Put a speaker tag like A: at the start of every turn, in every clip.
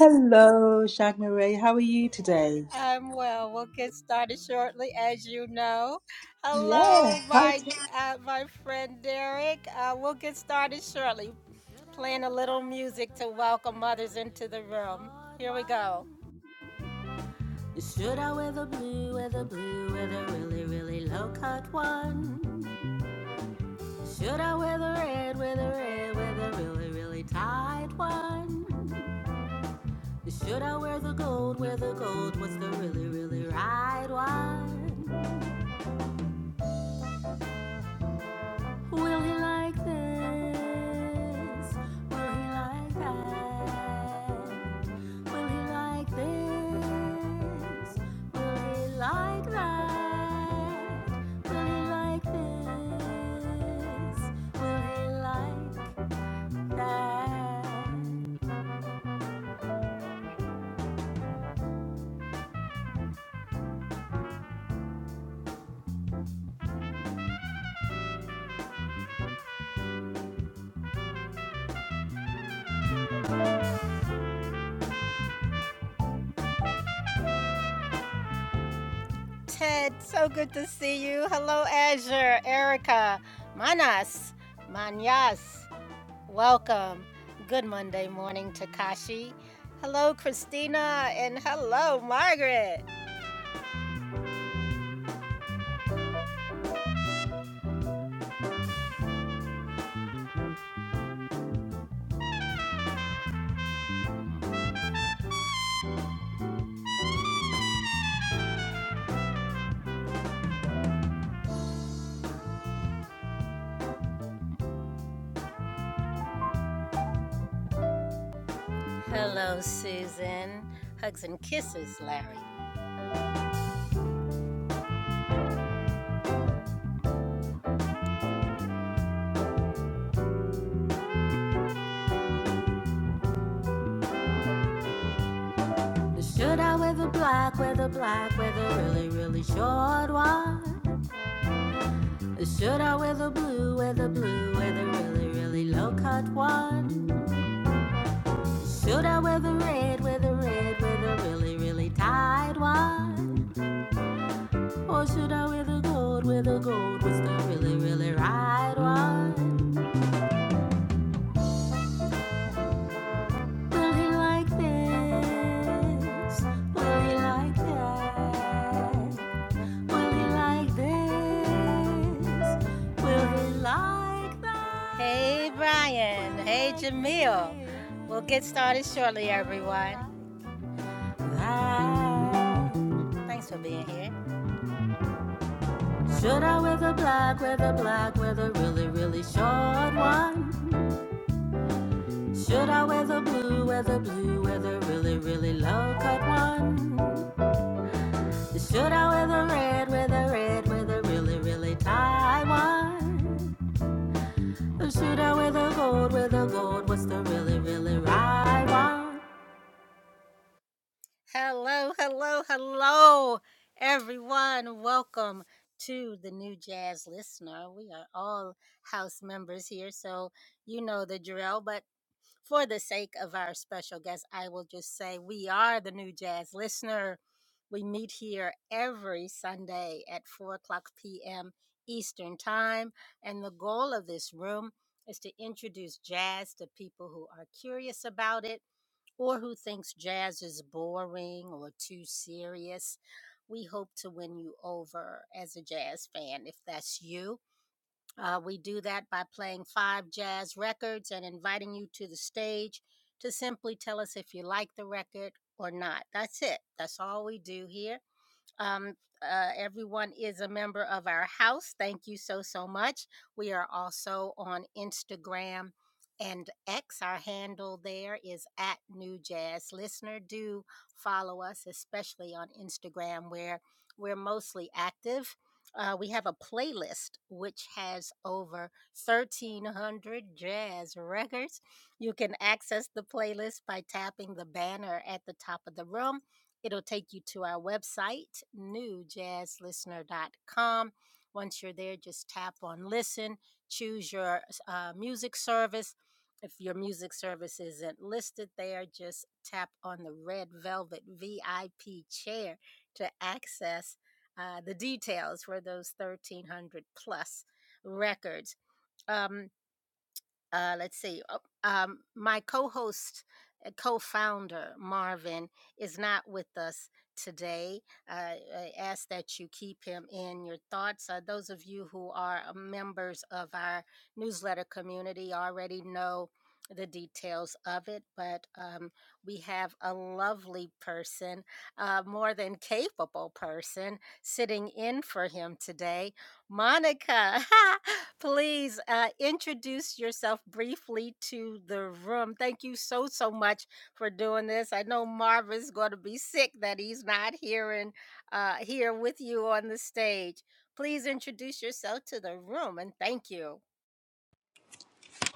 A: Hello, Shagmaray. How are you today? Yeah. Hi. T-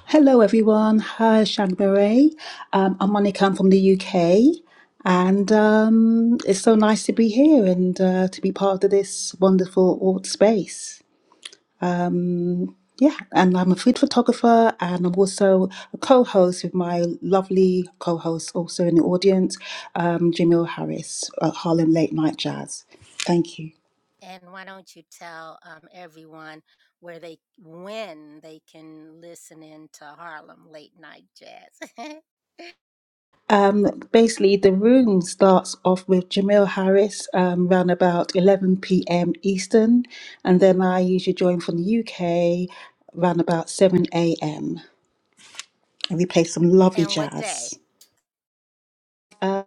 A: Hello, everyone. Hi, Shagmaray. Um, I'm Monica. I'm from the UK, and um, it's so nice to be here and uh, to be part of this wonderful art space. Yeah, and I'm a food photographer, and I'm also a co-host with my lovely co-host, also in the audience, um, Jamil Harris at Harlem Late Night Jazz. Thank you. Um, basically, the room starts off with Jamil Harris um, around about 11 p.m. Eastern, and then I usually join from the UK around about 7 a.m. and we play some lovely jazz. Uh,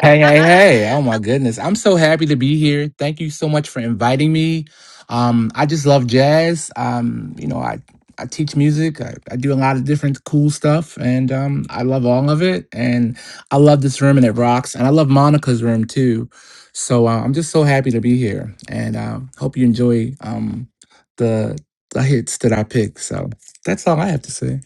B: Hey, hey, hey. Oh my goodness. I'm so happy to be here. Thank you so much for inviting me. Um, I just love jazz. Um, you know, I, I teach music. I, I do a lot of different cool stuff and um I love all of it. And I love this room and it rocks. And I love Monica's room too. So uh, I'm just so happy to be here and uh, hope you enjoy um the the hits that I picked. So that's all I have to say.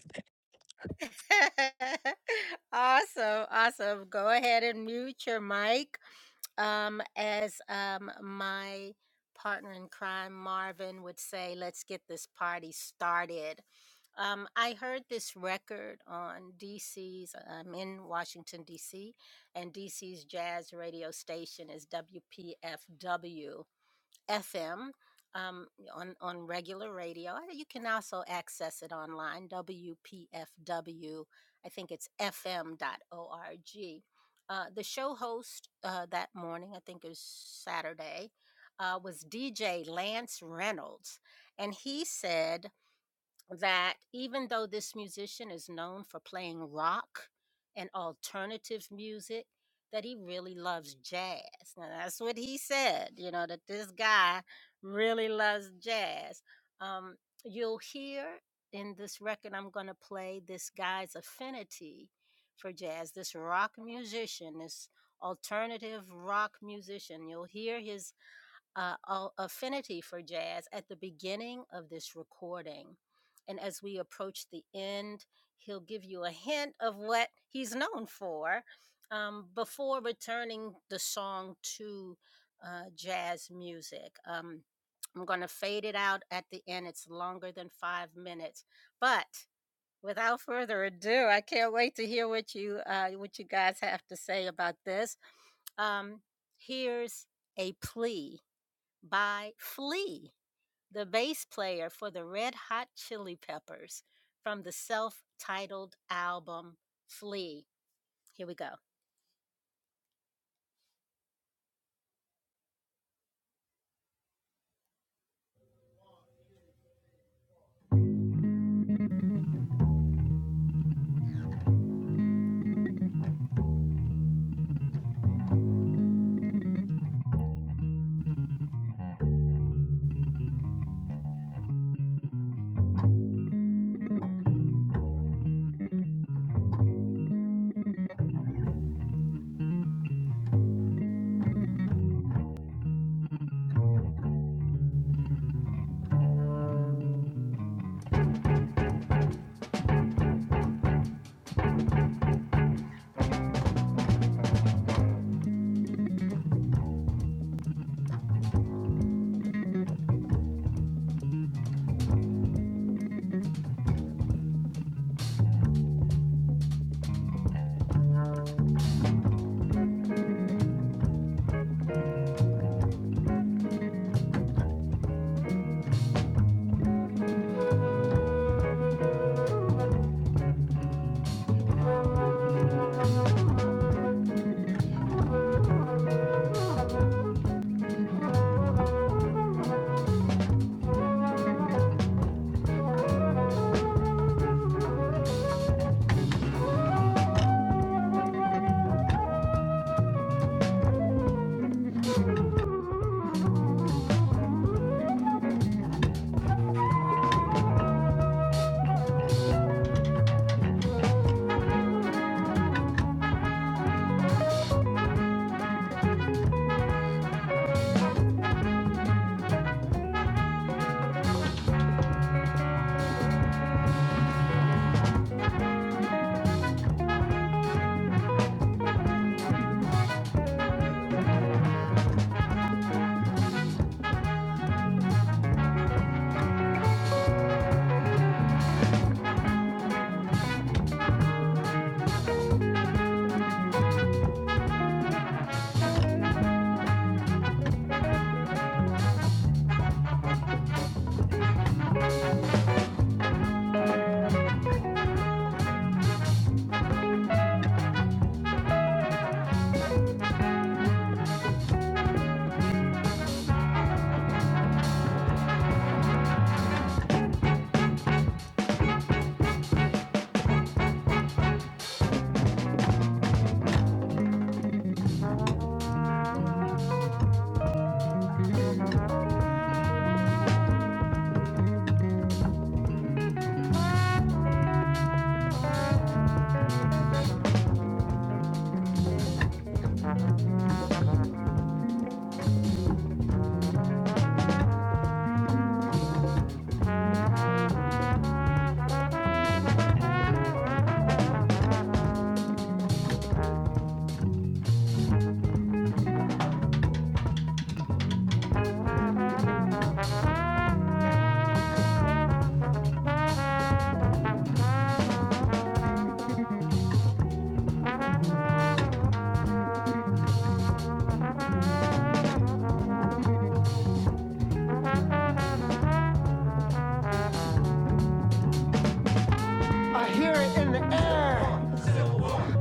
C: I hear it in the air.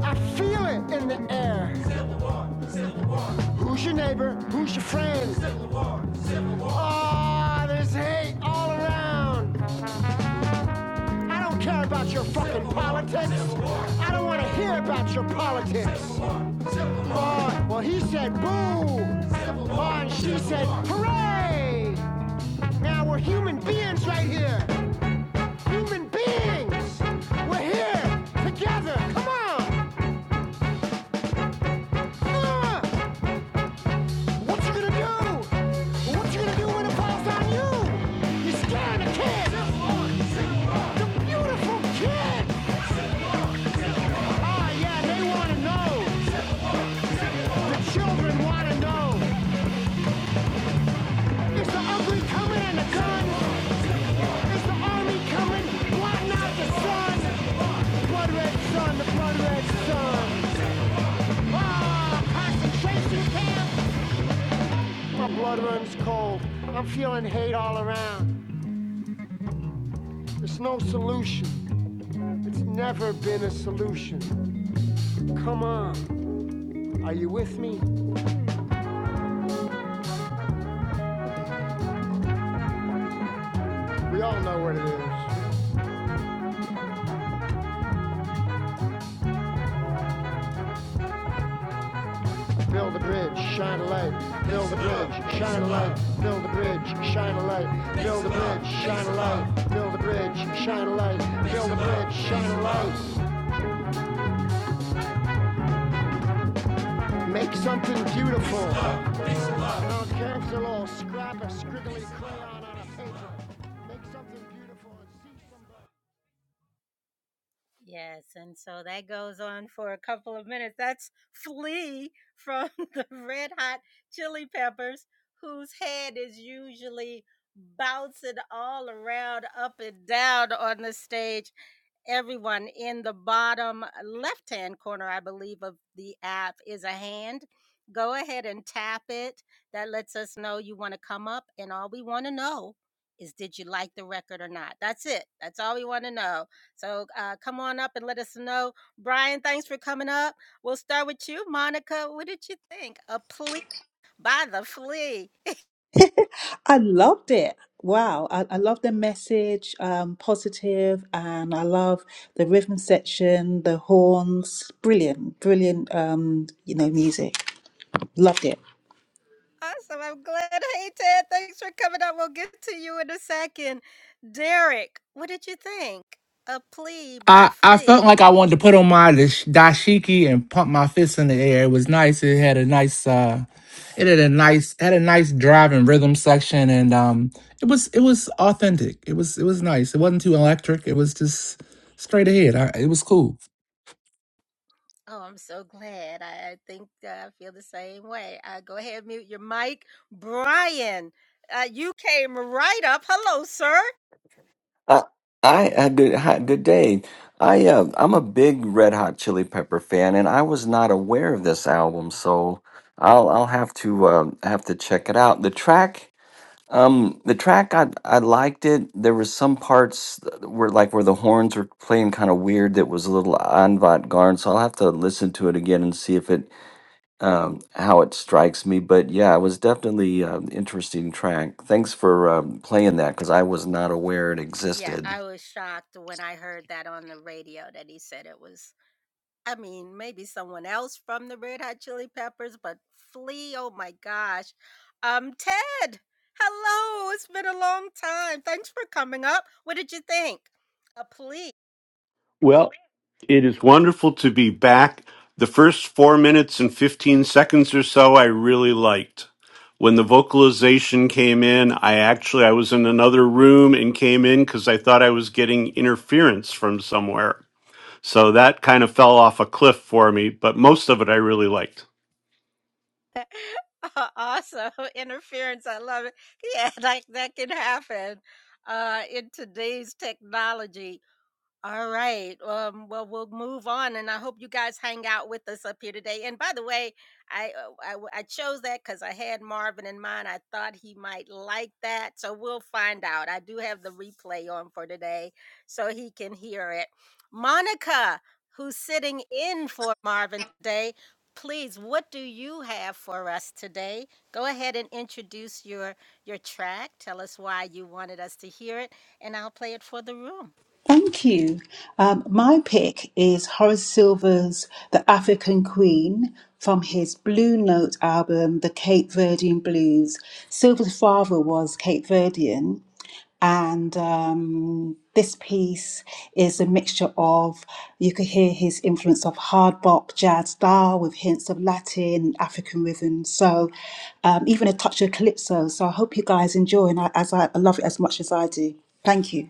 C: I feel it in the air. Who's your neighbor? Who's your friend? Oh, there's hate all around. I don't care about your fucking politics. I don't want to hear about your politics. Oh, well, he said boo. Oh, and she said hooray. Now we're human beings right here. Human beings. We're here together. Come on. Ah! What you gonna do? What you gonna do when it falls on you? You're scaring the kids. The beautiful kids. Ah, yeah, they wanna know. The children wanna know. Is the ugly coming and the gun? Is the army coming? Why not the sun? Blood red sun, the blood red sun. Ah, concentration camp. My blood runs cold. I'm feeling hate all around. There's no solution. It's never been a solution. Come on, are you with me? We all know what it is. Build a bridge, shine a light. Build a bridge, shine a light. Build a bridge, shine a light. Build a bridge, shine a light. Build a bridge, shine a light. Build a bridge, shine a light. Make something beautiful. Don't cancel all scrap a scriggly crayon on a paper. Make something beautiful and see somebody.
A: I loved it. Wow, I, I love the message, um, positive, and I love the rhythm section, the horns. Brilliant, brilliant, um, you know, music. Loved it.
B: I, I felt like I wanted to put on my dash- dashiki and pump my fists in the air. It was nice. It had a nice uh it had a nice had a nice drive and rhythm section and um it was it was authentic. It was it was nice. It wasn't too electric. It was just straight ahead. I, it was cool.
D: I, I, I good, hi, good day. I, uh, I'm a big Red Hot Chili Pepper fan, and I was not aware of this album, so I'll, I'll have to, uh, have to check it out. The track, um, the track, I, I liked it. There was some parts that were like where the horns were playing kind of weird. That was a little avant-garde, so I'll have to listen to it again and see if it, um, how it strikes me. But yeah, it was definitely an interesting track. Thanks for um, playing that because I was not aware it existed.
E: Well, it is wonderful to be back. The first four minutes and 15 seconds or so, I really liked. When the vocalization came in, I actually I was in another room and came in because I thought I was getting interference from somewhere. So that kind of fell off a cliff for me, but most of it I really liked.
A: Thank you. Um, my pick is Horace Silver's The African Queen from his Blue Note album, The Cape Verdean Blues. Silver's father was Cape Verdean, and um, this piece is a mixture of, you could hear his influence of hard bop, jazz style with hints of Latin, African rhythms. So um, even a touch of calypso. So I hope you guys enjoy, and I, as I, I love it as much as I do. Thank you.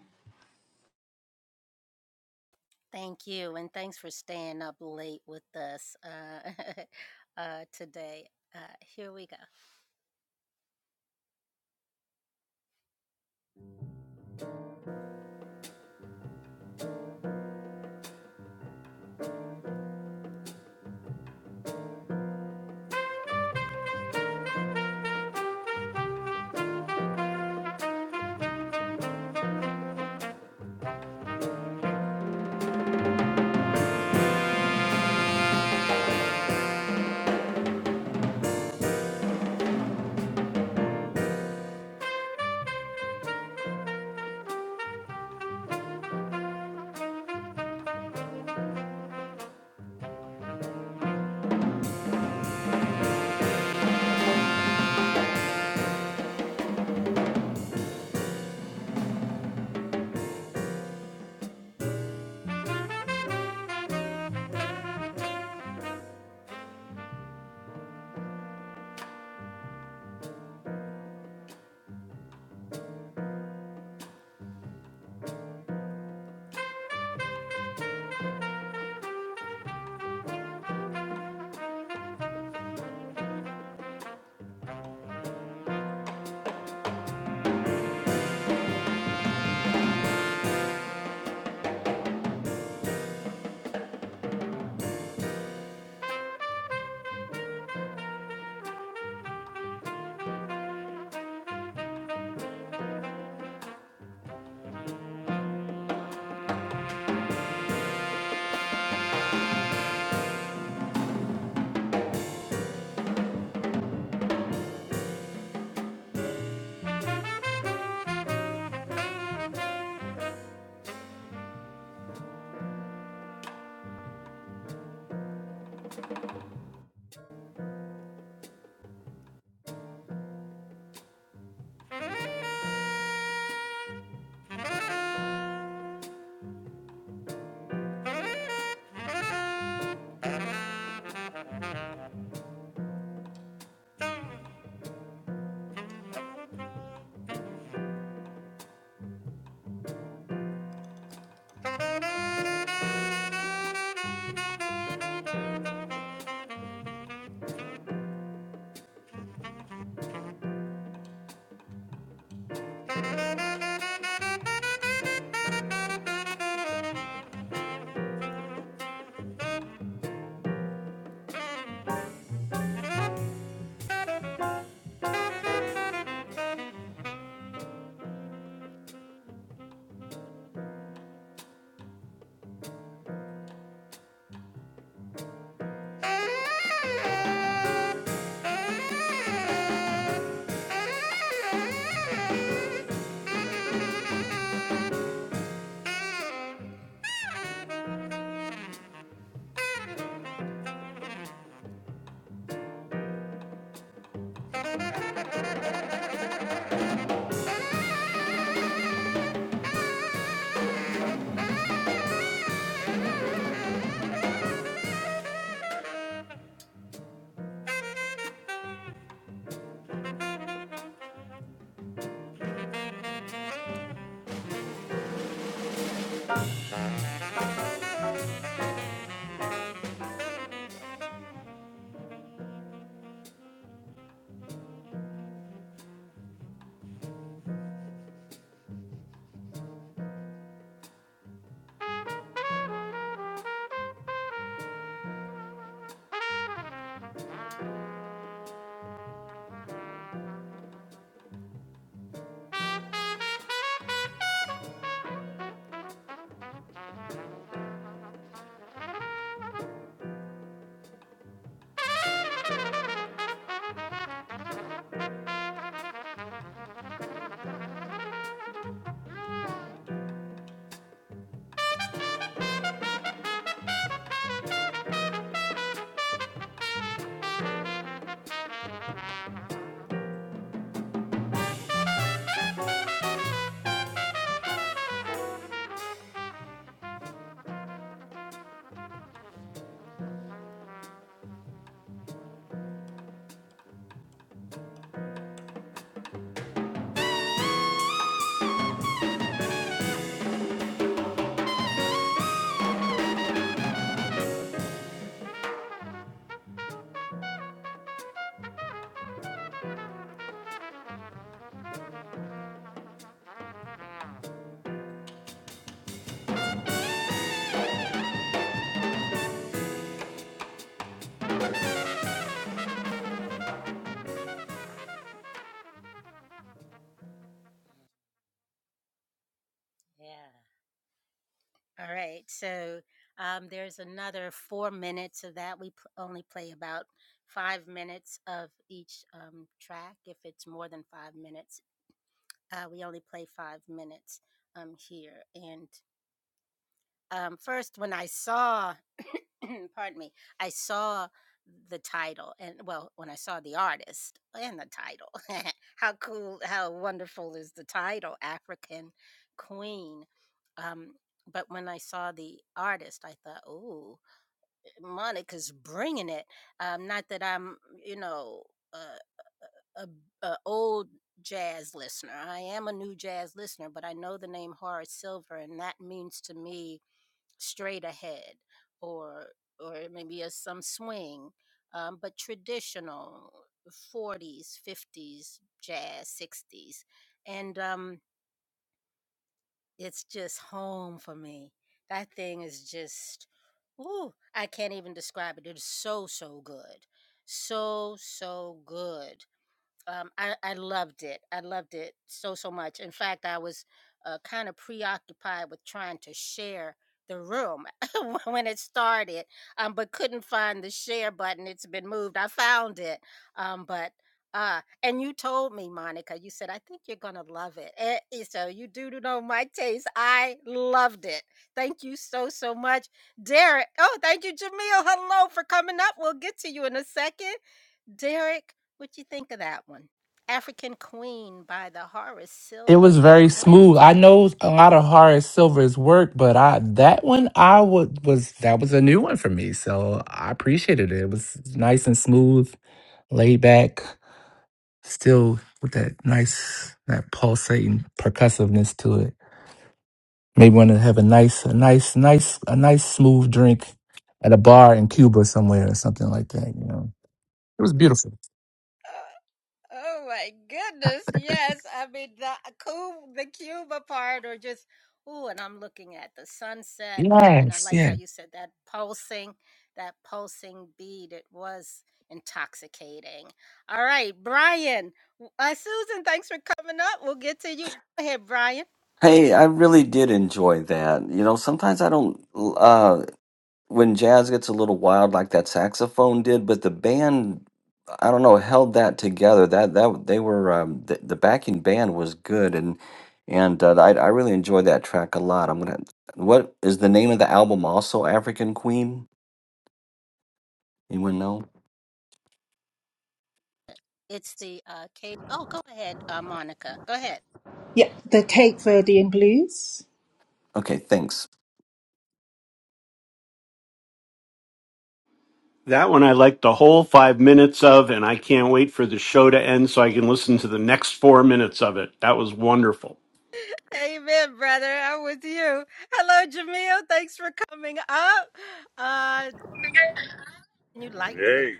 B: It was very smooth. I know a lot of hard silvers work, but I that one I would was that was a new one for me. So I appreciated it. It was nice and smooth, laid back, still with that nice that pulsating percussiveness to it. Maybe want to have a nice, a nice, nice, a nice smooth drink at a bar in Cuba somewhere or something like that. You know, it was beautiful. Yes, yes.
D: Hey, I really did enjoy that. You know, sometimes I don't uh when jazz gets a little wild like that saxophone did, but the band I don't know held that together. That that they were um the, the backing band was good and and uh, I I really enjoyed that track a lot. I'm gonna what is the name of the album also African Queen? Anyone know?
A: Yeah, the Cape Verdean Blues.
D: Okay, thanks.
E: That one I liked the whole five minutes of, and I can't wait for the show to end so I can listen to the next four minutes of it. That was wonderful.
F: Hey,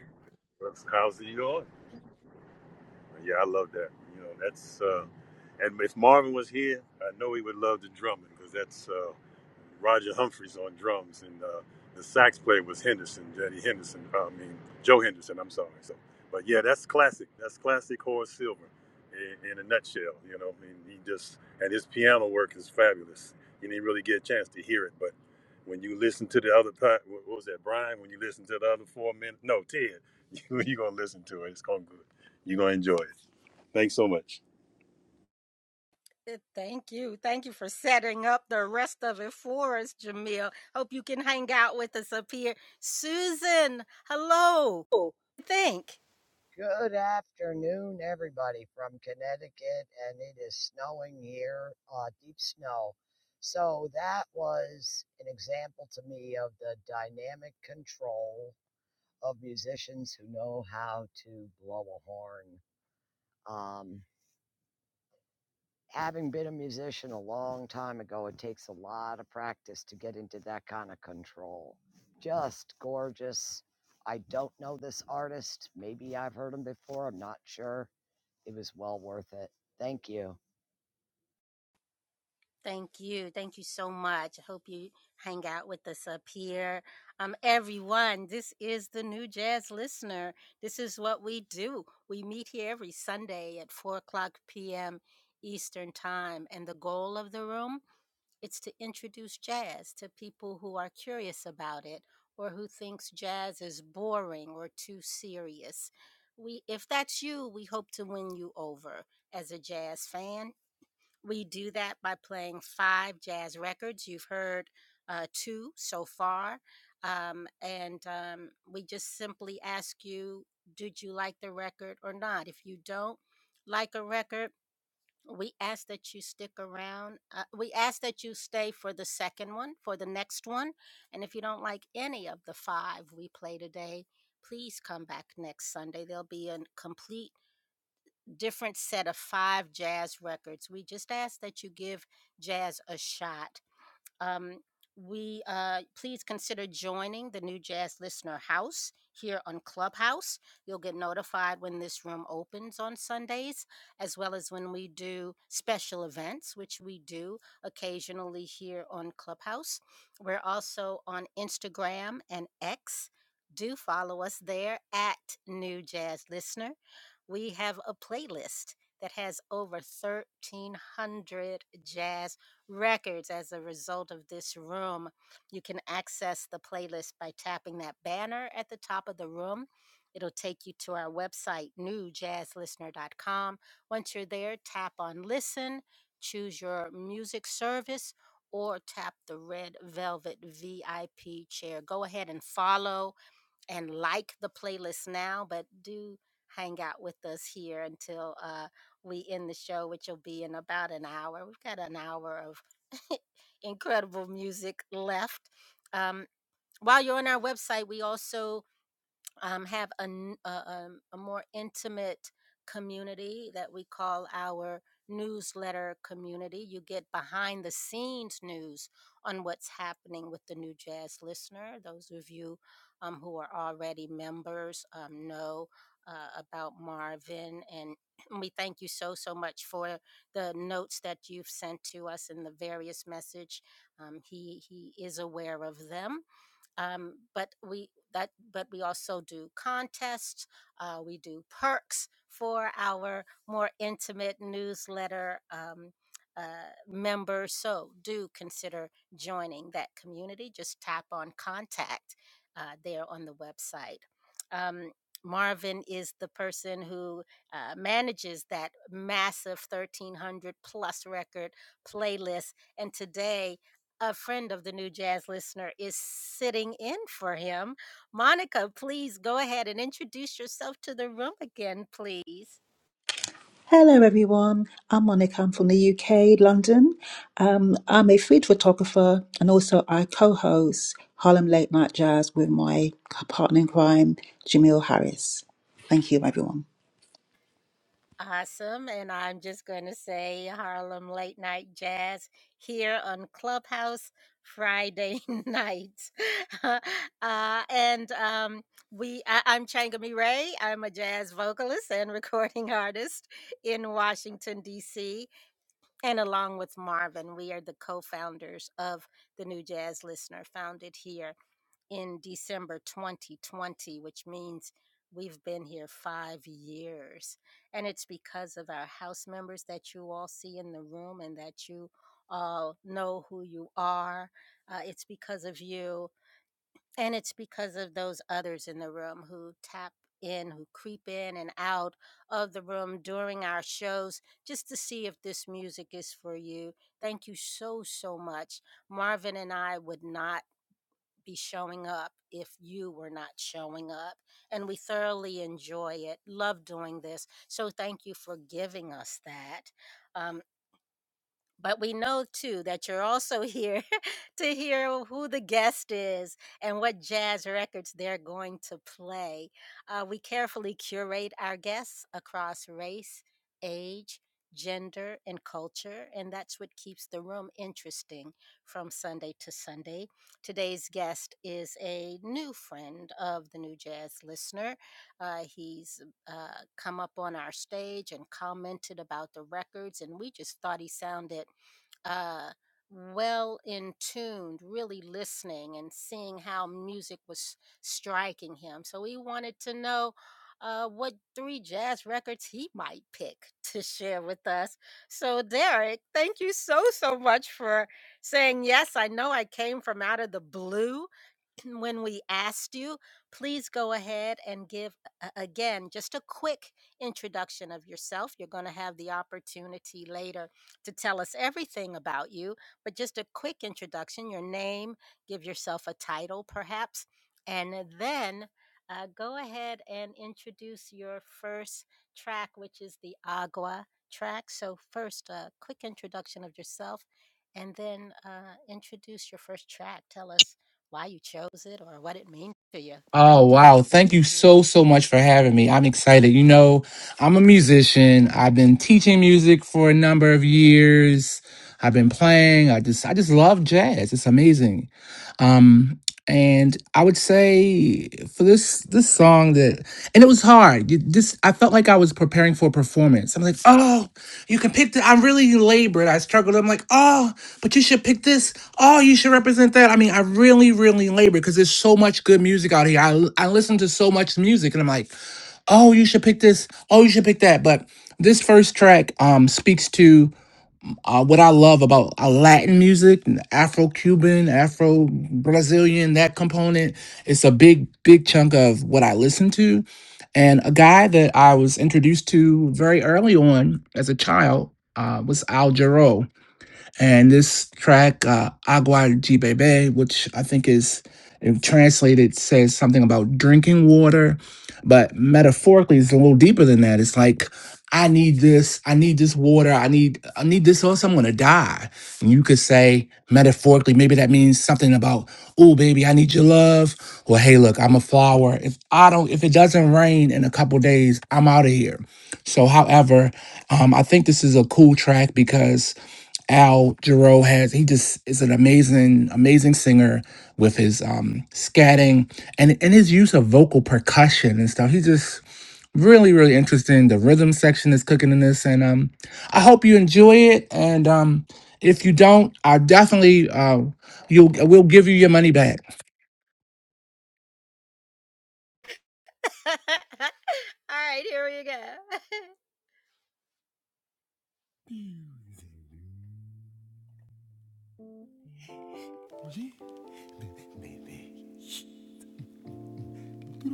F: what's- how's it going? Yeah, I love that. You know, that's uh, and if Marvin was here, I know he would love the drumming because that's uh, Roger Humphreys on drums, and uh, the sax player was Henderson, Jetty Henderson. uh, I mean, Joe Henderson. I'm sorry. So, but yeah, that's classic. That's classic Horace Silver in, in a nutshell. You know, I mean, he just and his piano work is fabulous. You didn't really get a chance to hear it, but when you listen to the other part, what what was that, Brian? When you listen to the other four minutes, no, Ted, you're gonna listen to it. It's gonna good. You're gonna enjoy it. Thanks so much.
G: Oh, Good afternoon, everybody from Connecticut, and it is snowing here, uh, deep snow. So that was an example to me of the dynamic control of musicians who know how to blow a horn. Um, having been a musician a long time ago, it takes a lot of practice to get into that kind of control. Just gorgeous. I don't know this artist. Maybe I've heard him before. I'm not sure It was well worth it. Thank you.
A: Hello, everyone. I'm Monica. I'm from the UK, London. Um, I'm a food photographer and also I co host Harlem Late Night Jazz with my partner in crime, Jamil Harris. Thank you, everyone.
B: Oh, wow. Thank you so, so much for having me. I'm excited. You know, I'm a musician. I've been teaching music for a number of years. I've been playing. I just, I just love jazz. It's amazing. Um, and I would say for this this song that and it was hard. You- This I felt like I was preparing for a performance. I'm like, oh, you can pick. The, I really labored. I struggled. I'm like, oh, but you should pick this. Oh, you should represent that. I mean, I really, really labored because there's so much good music out here. I l- I listen to so much music, and I'm like, oh, you should pick this. Oh, you should pick that. But this first track um speaks to uh, what I love about uh, Latin music, Afro Cuban, Afro Brazilian, that component, it's a big, big chunk of what I listen to. And a guy that I was introduced to very early on as a child uh, was Al Jarreau and this track, uh, Agua de Bebe, which I think is if translated, says something about drinking water, but metaphorically, it's a little deeper than that. It's like, I need this. I need this water. I need. I need this, or else I'm gonna die. And you could say metaphorically, maybe that means something about, oh baby, I need your love, or hey, look, I'm a flower. If I don't, if it doesn't rain in a couple days, I'm out of here. So, however, um, I think this is a cool track because Al Jarreau has he just is an amazing amazing singer with his um scatting and and his use of vocal percussion and stuff. He's just really really interesting. The rhythm section is cooking in this and um I hope you enjoy it and um if you don't, I definitely uh you'll we'll give you your money back.
C: the. Yeah, Your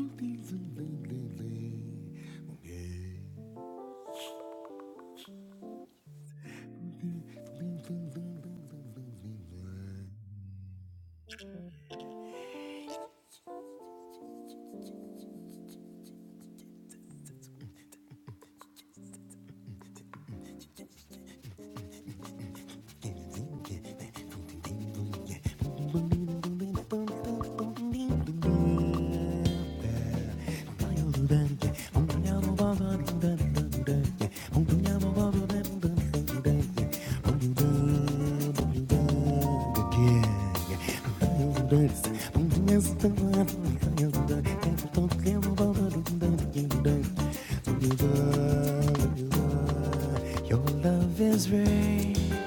C: love is rain.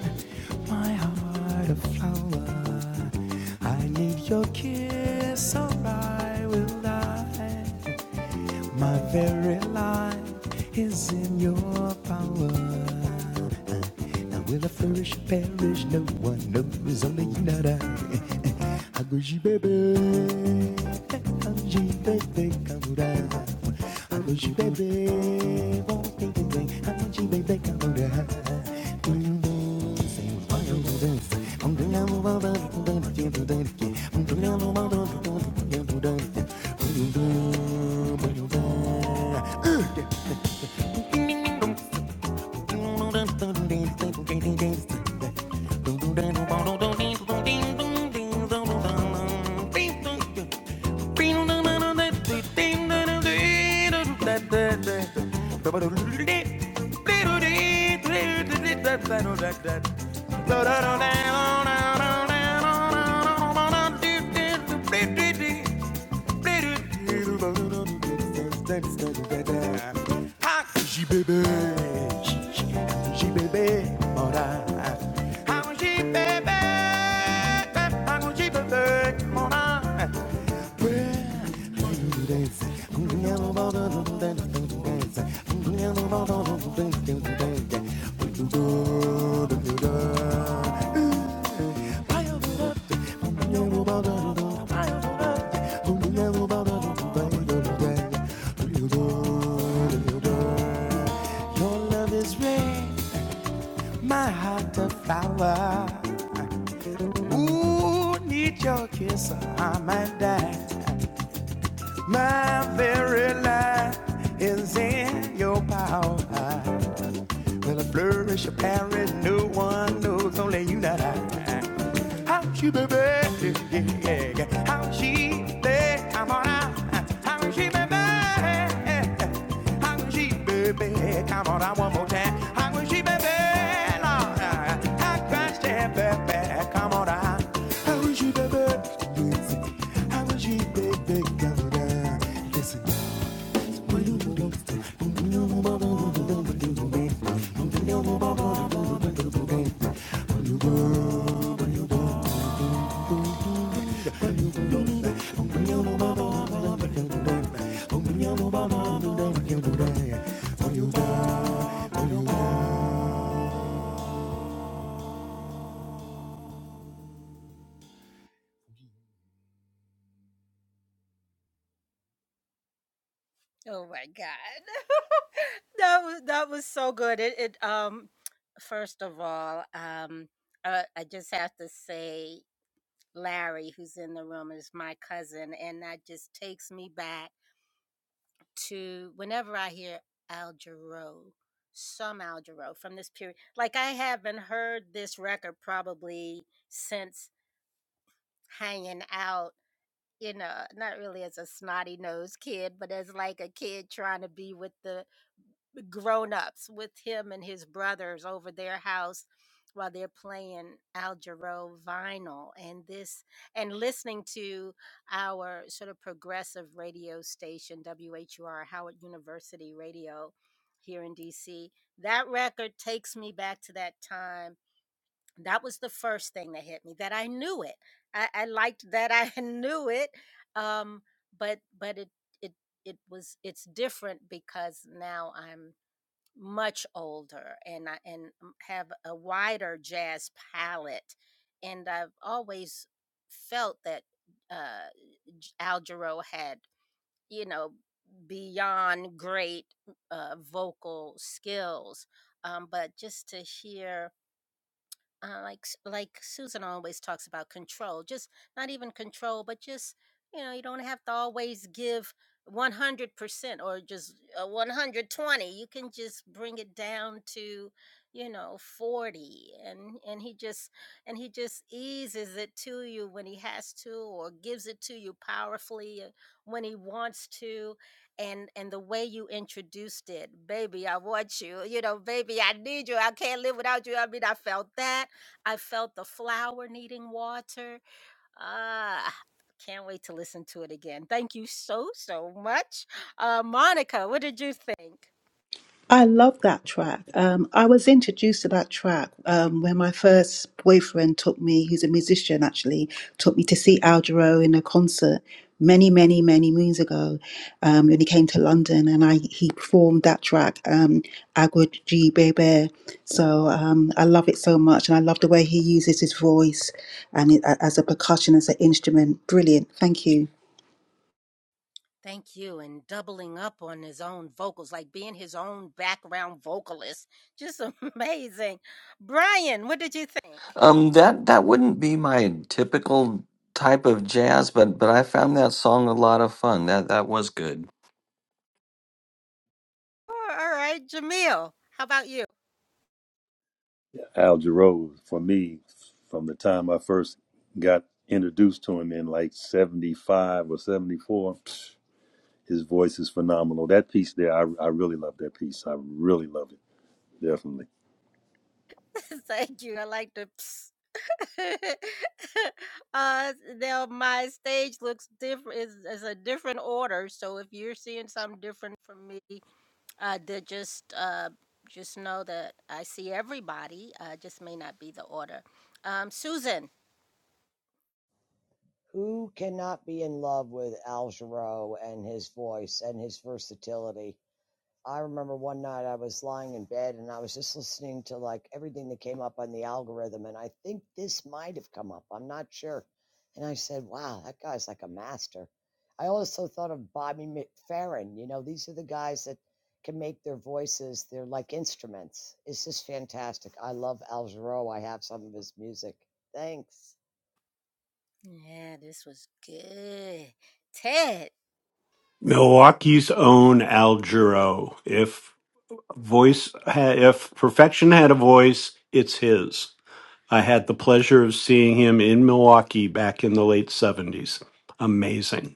C: my heart a flower. I need your kiss, or I will die. My very life is in your power. Now will I flourish or perish? No one knows, only you, not I. Aguji baby, Aguji baby, come down. Hoje bebê, ontem também, aonde bebê calorá. Um doce, um banho, um dança. Um dunhão, um bandão, um dano, um dano, um dunhão, um bandão, um dano, um dano, um dano, um dano, um banho, um dano. Baby, your love is red, my heart a flower. Ooh, need your kiss, or I might die. My very life is in your power. Will it flourish a parent? No one knows, only you, not I. How she, baby? Yeah, yeah, yeah. How she, baby? Come on out. How she, baby? How she, baby? Come on out one more time. How she, baby? Lord, how Christ, yeah, baby? Come on out. How she, baby? How she, baby? Come on out. Listen.
A: I love that track. Um, I was introduced to that track um, when my first boyfriend took me, He's a musician actually, took me to see Al Jarreau in a concert many, many, many moons ago um, when he came to London and I he performed that track, um, Agua G Bebe. So um, I love it so much and I love the way he uses his voice and it, as a percussion, as an instrument. Brilliant. Thank you.
D: Um, that that wouldn't be my typical type of jazz, but but I found that song a lot of fun. That that was good.
F: Al Jarreau for me from the time I first got introduced to him in like 75 or 74. His voice is phenomenal. That piece there, I, I really love that piece. I really love it. Definitely.
G: Who cannot be in love with Al Jarreau and his voice and his versatility? I remember one night I was lying in bed and I was just listening to like everything that came up on the algorithm. And I think this might have come up. I'm not sure. And I said, wow, that guy's like a master. I also thought of Bobby McFerrin. You know, these are the guys that can make their voices, they're like instruments. It's just fantastic. I love Al Jarreau. I have some of his music. Thanks.
E: Milwaukee's own Al Jarreau. If voice if perfection had a voice it's his i had the pleasure of seeing him in milwaukee back in the late 70s amazing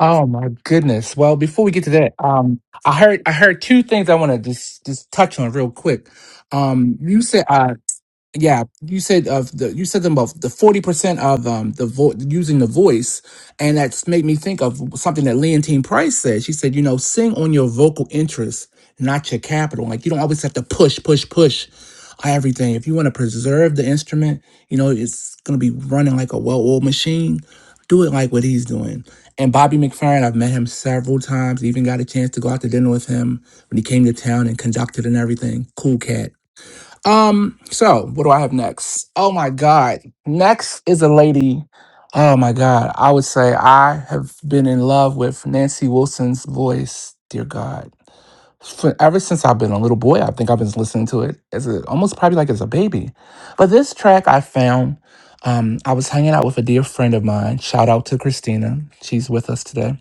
B: Oh my goodness. Well, before we get to that, um I heard I heard two things I want to just just touch on real quick. Um you said uh yeah you said of the you said them both the 40% of um the vo- using the voice and that's made me think of something that leontine price said she said you know sing on your vocal interests not your capital like you don't always have to push push push everything if you want to preserve the instrument you know it's going to be running like a well-oiled machine do it like what he's doing and bobby mcferrin i've met him several times even got a chance to go out to dinner with him when he came to town and conducted and everything cool cat um, so what do I have next? Oh my god. Next is a lady. Oh my god. I would say I have been in love with Nancy Wilson's voice, dear God. For ever since I've been a little boy, I think I've been listening to it as a almost probably like as a baby. But this track I found, um, I was hanging out with a dear friend of mine. Shout out to Christina. She's with us today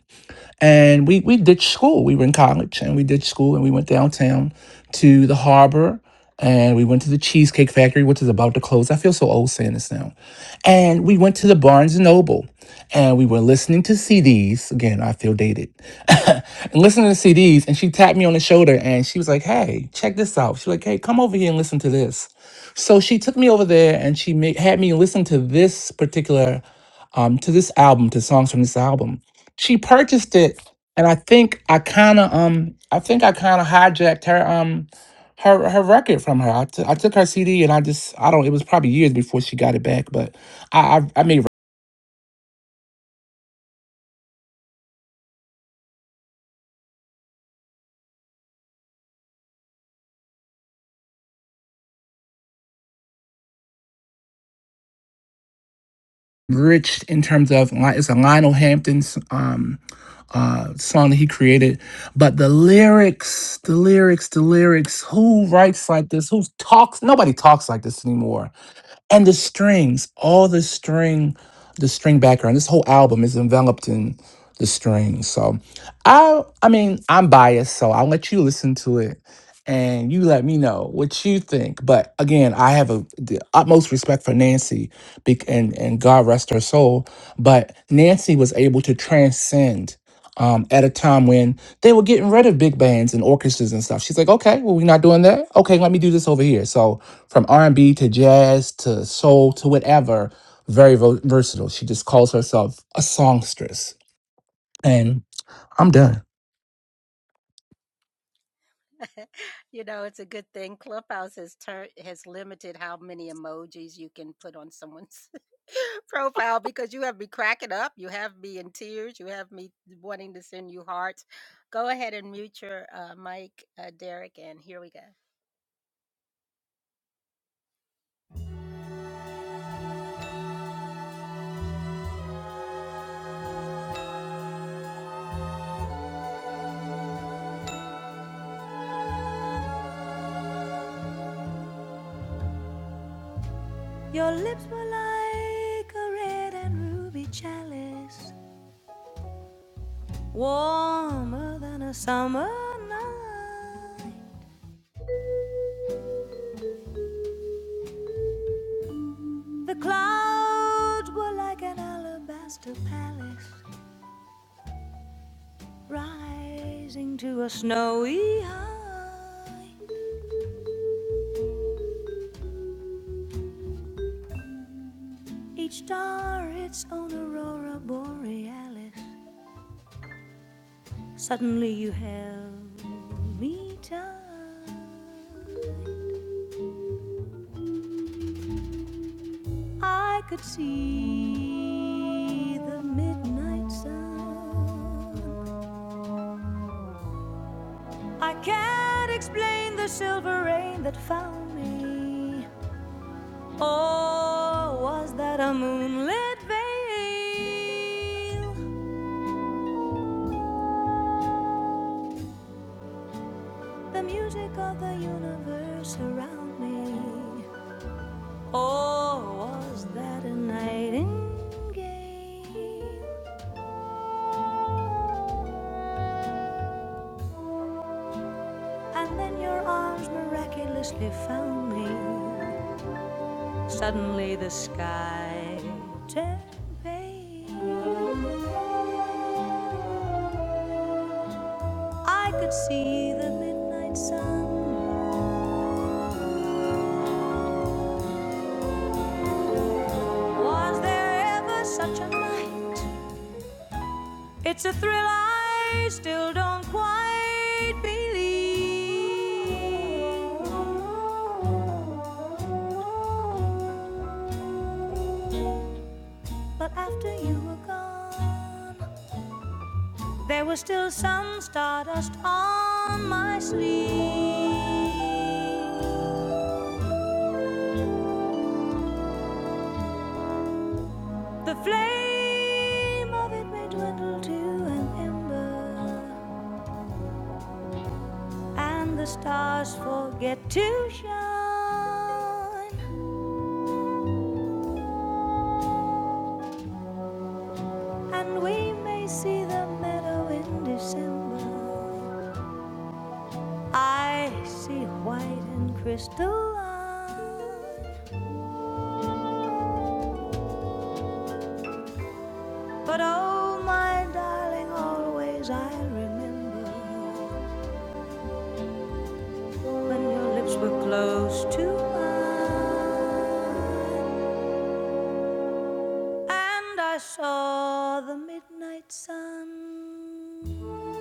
B: and we, we ditched school. We were in college and we ditched school and we went downtown to the harbor and we went to the Cheesecake Factory, which is about to close. I feel so old saying this now. And we went to the Barnes and Noble and we were listening to CDs. Again, I feel dated. and listening to CDs. And she tapped me on the shoulder and she was like, hey, check this out. She was like, hey, come over here and listen to this. So she took me over there and she made, had me listen to this particular um, to this album, to songs from this album she purchased it and i think i kind of um i think i kind of hijacked her um her her record from her I t- I took her cd and i just i don't it was probably years before she got it back but i i, I made rich in terms of li- it's a lionel hampton's um uh song that he created but the lyrics the lyrics the lyrics who writes like this who talks nobody talks like this anymore and the strings all the string the string background this whole album is enveloped in the strings so i i mean i'm biased so i'll let you listen to it and you let me know what you think but again i have a, the utmost respect for nancy bec- and and god rest her soul but nancy was able to transcend um, at a time when they were getting rid of big bands and orchestras and stuff she's like okay well we're not doing that okay let me do this over here so from R&B to jazz to soul to whatever, very vo- versatile. She just calls herself a songstress. And I'm done.
C: Your lips were like a red and ruby chalice, warmer than a summer night. The clouds were like an alabaster palace, rising to a snowy high. Each star its own aurora borealis. Suddenly you held me tight. I could see the midnight sun. I can't explain the silver rain that found me. Oh, was that a moonlit veil? The music of the universe around me. Oh, was that a nightingale? And then your arms miraculously found me. Suddenly the sky turned pale. I could see the midnight sun Was there ever such a night? It's a thrill I still don't quite believe. But after you were gone, there was still some stardust on my sleeve. The flame of it may dwindle to an ember. and the stars forget to shine, and we may see the meadow in December. I see white and crystalline, but oh, my darling, always I will remember when your lips were close to mine, and I saw the midnight sun.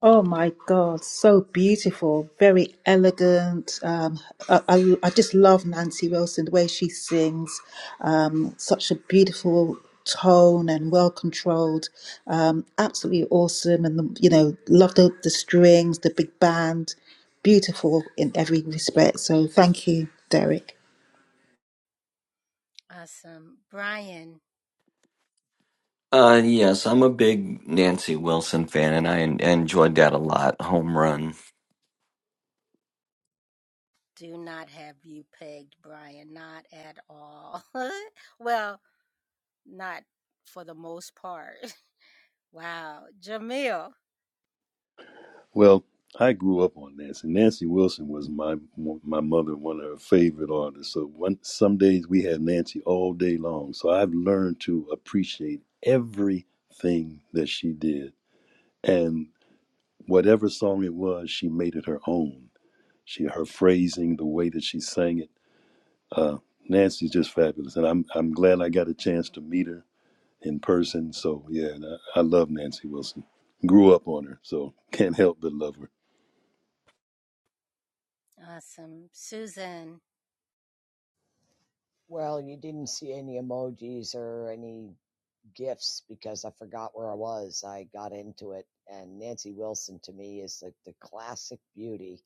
A: Oh my God, so beautiful, very elegant. Um, I, I, I just love Nancy Wilson, the way she sings, um, such a beautiful tone and well controlled. Um, absolutely awesome. And, the, you know, love the, the strings, the big band, beautiful in every respect. So thank you, Derek.
D: Uh, yes, I'm a big Nancy Wilson fan, and I en- enjoyed that a lot. Home Run,
F: Well, I grew up on Nancy. Nancy Wilson was my my mother, one of her favorite artists. So one some days we had Nancy all day long. So I've learned to appreciate everything that she did. And whatever song it was, she made it her own She her phrasing, the way that she sang it. Nancy's just fabulous, and I'm I'm glad I got a chance to meet her in person. So yeah, I, I love Nancy Wilson. Grew up on her, so can't help but love her.
G: Well, you didn't see any emojis or any gifts because I forgot where I was. I got into it, and Nancy Wilson to me is like the classic beauty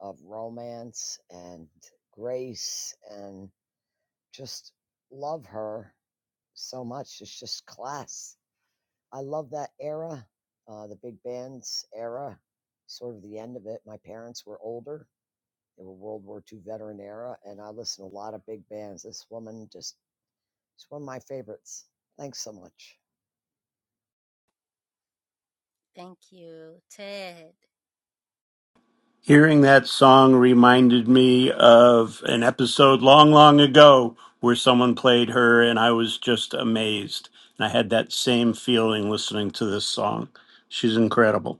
G: of romance and grace, and just love her so much. It's just class. I love that era, uh, the big bands era, sort of the end of it. My parents were older. They were World War Two veteran era, and I listened to a lot of big bands. This woman just it's one of my favorites. Thanks so much.
E: Hearing that song reminded me of an episode long, long ago where someone played her, and I was just amazed. And I had that same feeling listening to this song. She's incredible.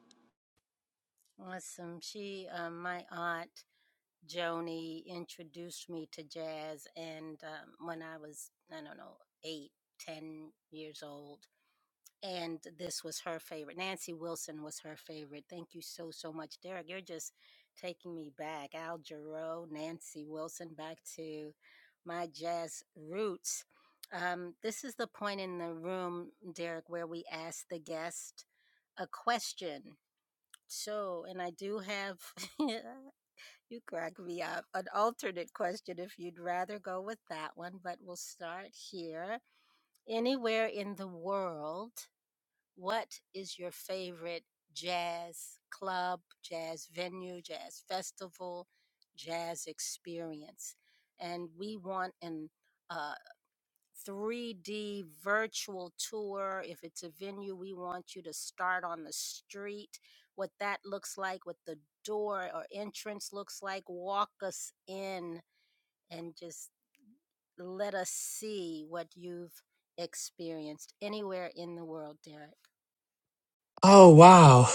B: Oh wow.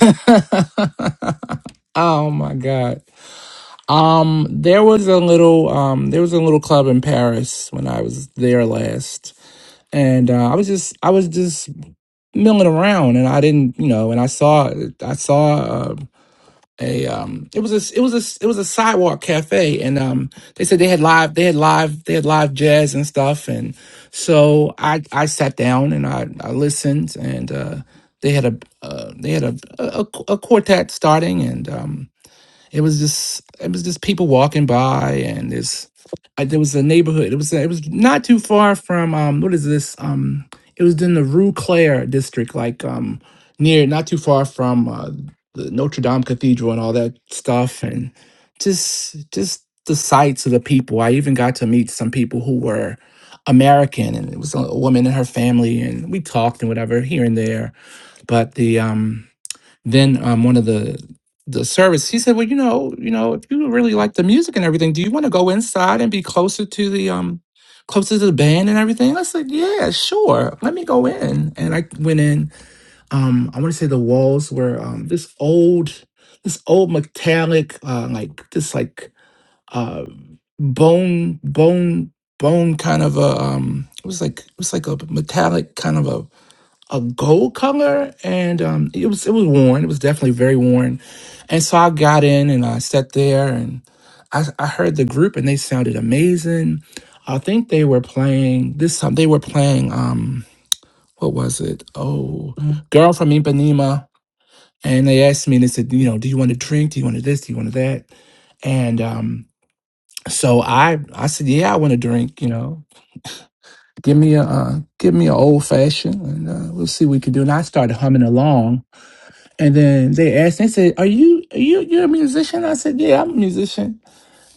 B: oh my god. Um there was a little um there was a little club in Paris when I was there last. And uh, I was just I was just milling around and I didn't, you know, and I saw I saw uh, a um it was a it was a it was a sidewalk cafe and um they said they had live they had live they had live jazz and stuff and so i i sat down and i i listened and uh they had a uh, they had a, a a quartet starting and um it was just it was just people walking by and this I, there was a neighborhood. It was it was not too far from um what is this um it was in the Rue Claire district like um near not too far from uh, the Notre Dame Cathedral and all that stuff and just just the sights of the people. I even got to meet some people who were American and it was a a woman and her family and we talked and whatever here and there. But the um then um, one of the the service he said well you know you know if you really like the music and everything do you want to go inside and be closer to the um closer to the band and everything i said yeah sure let me go in and i went in um i want to say the walls were um this old this old metallic uh like this like uh bone bone bone kind of a um it was like it was like a metallic kind of a a gold color, and um, it was it was worn. It was definitely very worn, and so I got in and I sat there and I, I heard the group and they sounded amazing. I think they were playing this time. They were playing um, what was it? Oh, Mhm. girl from Ipanema, and they asked me and they said, you know, do you want to drink? Do you want to this? Do you want to that? And um, so I I said, yeah, I want to drink. You know, give me a uh, give me an old fashioned, and uh, we'll see what we can do. And I started humming along And then they asked, they said, "Are you are you you're a musician?" I said, "Yeah, I'm a musician."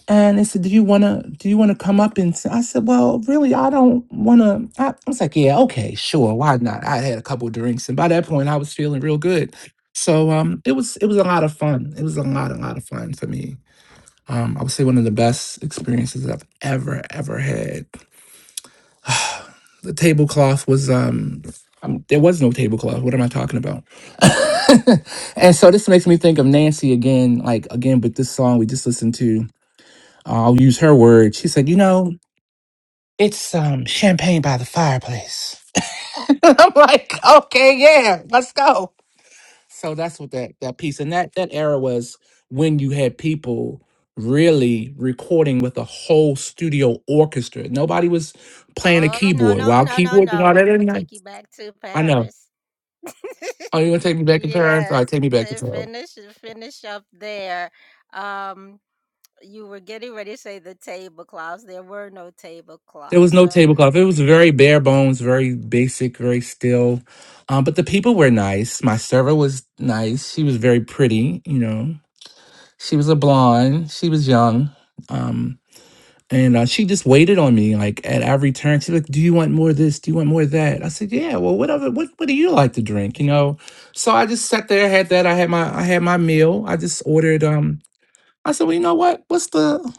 B: And they said, "Do you wanna do you wanna come up and?" Sing? I said, "Well, really, I don't wanna." I, I was like, "Yeah, okay, sure, why not?" I had a couple of drinks, and by that point, I was feeling real good. So um, it was it was a lot of fun. It was a lot a lot of fun for me. Um, I would say one of the best experiences I've ever ever had the tablecloth was um, um there was no tablecloth what am i talking about and so this makes me think of nancy again like again but this song we just listened to Uh, i'll use her word she said you know it's um champagne by the fireplace i'm like okay yeah let's go so that's what that that piece and that that era was when you had people really recording with a whole studio orchestra nobody was playing a keyboard while keyboards and all that Isn't that- I know Oh, you gonna take me back to Paris? All right, take me back to Paris. There was no tablecloth. It was very bare bones, very basic, very still. Um, but the people were nice. My server was nice. She was very pretty. You know, she was a blonde. She was young. Um, and uh, she just waited on me. Like at every turn, she's like, "Do you want more of this? Do you want more of that?" I said, "Yeah. Well, whatever. What What do you like to drink? You know." So I just sat there, had that. I had my I had my meal. I just ordered. Um, I said, well, you know what? What's the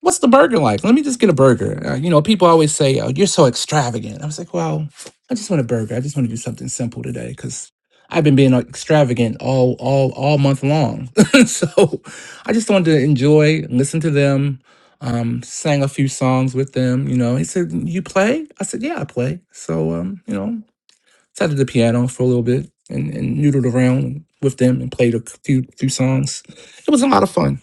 B: what's the burger like? Let me just get a burger. Uh, you know, people always say, "Oh, you're so extravagant." I was like, well, I just want a burger. I just want to do something simple today because I've been being uh, extravagant all all all month long. so I just wanted to enjoy, listen to them, um, sang a few songs with them. You know, he said, "You play?" I said, "Yeah, I play." So um, you know, sat at the piano for a little bit and, and noodled around with them and played a few few songs. It was a lot of fun.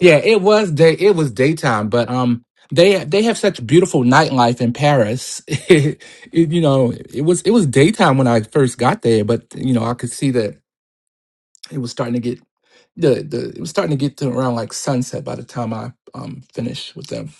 B: Yeah, it was day. It was daytime, but um, they they have such beautiful nightlife in Paris. It, you know, it was it was daytime when I first got there, but you know, I could see that it was starting to get the the it was starting to get to around like sunset by the time I um finished with them.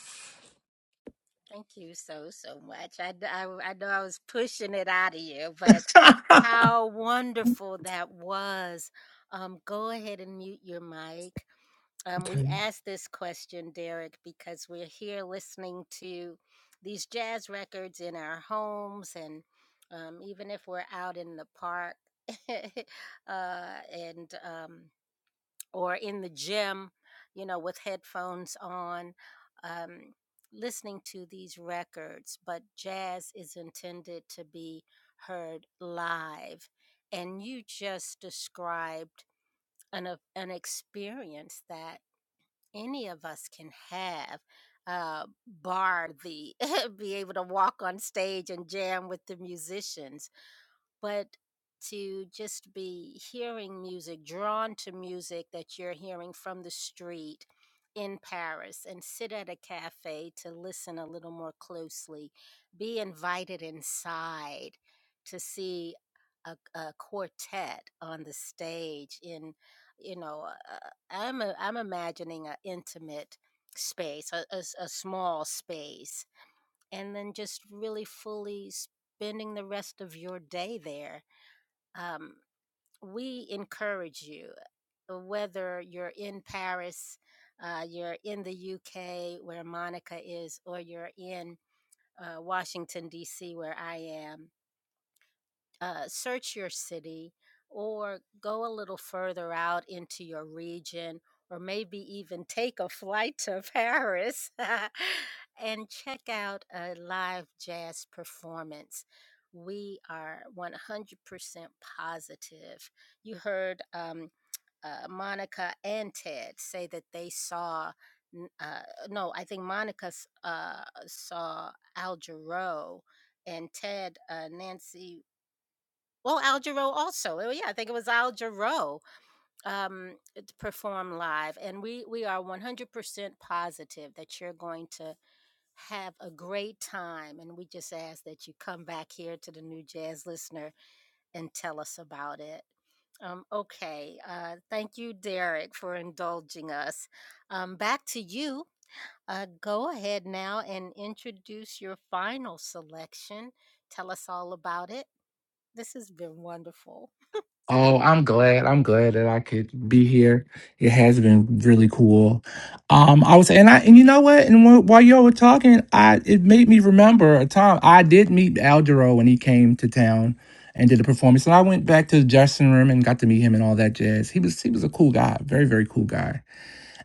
B: Oh, I'm glad. I'm glad that I could be here. It has been really cool. Um, I was, and I, and you know what? And wh- while y'all were talking, I it made me remember a time I did meet Aldero when he came to town and did a performance. And I went back to the dressing room and got to meet him and all that jazz. He was he was a cool guy, very very cool guy,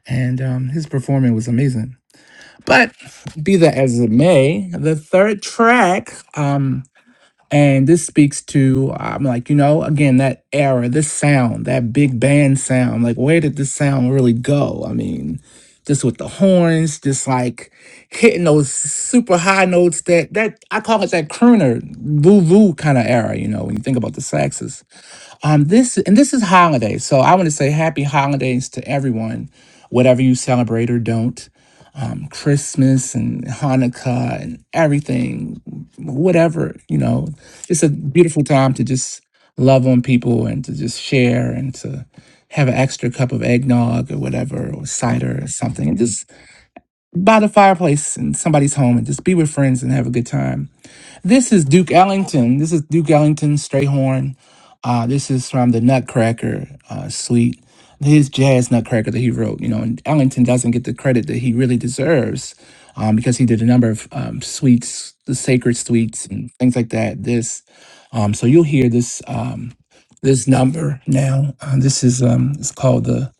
B: and um, his performance was amazing. But be that as it may, the third track. Um, and this speaks to, I'm like, you know, again, that era, this sound, that big band sound, like, where did this sound really go? I mean, just with the horns, just like hitting those super high notes that, that I call it that crooner, voo-voo kind of era, you know, when you think about the saxes. Um, this, and this is holiday. So I want to say happy holidays to everyone, whatever you celebrate or don't. Christmas and Hanukkah and everything, whatever, you know, it's a beautiful time to just love on people and to just share and to have an extra cup of eggnog or whatever, or cider or something, and just by the fireplace in somebody's home and just be with friends and have a good time this is Duke Ellington. This is Duke Ellington Strayhorn. Uh, this is from the Nutcracker uh, suite, his jazz Nutcracker that he wrote. You know, and Ellington doesn't get the credit that he really deserves um, because he did a number of um, suites, the sacred suites and things like that. This, um, so you'll hear this um, this number now. Uh, this is um, it's called the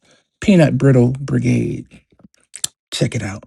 B: Peanut Brittle Brigade. Check it out.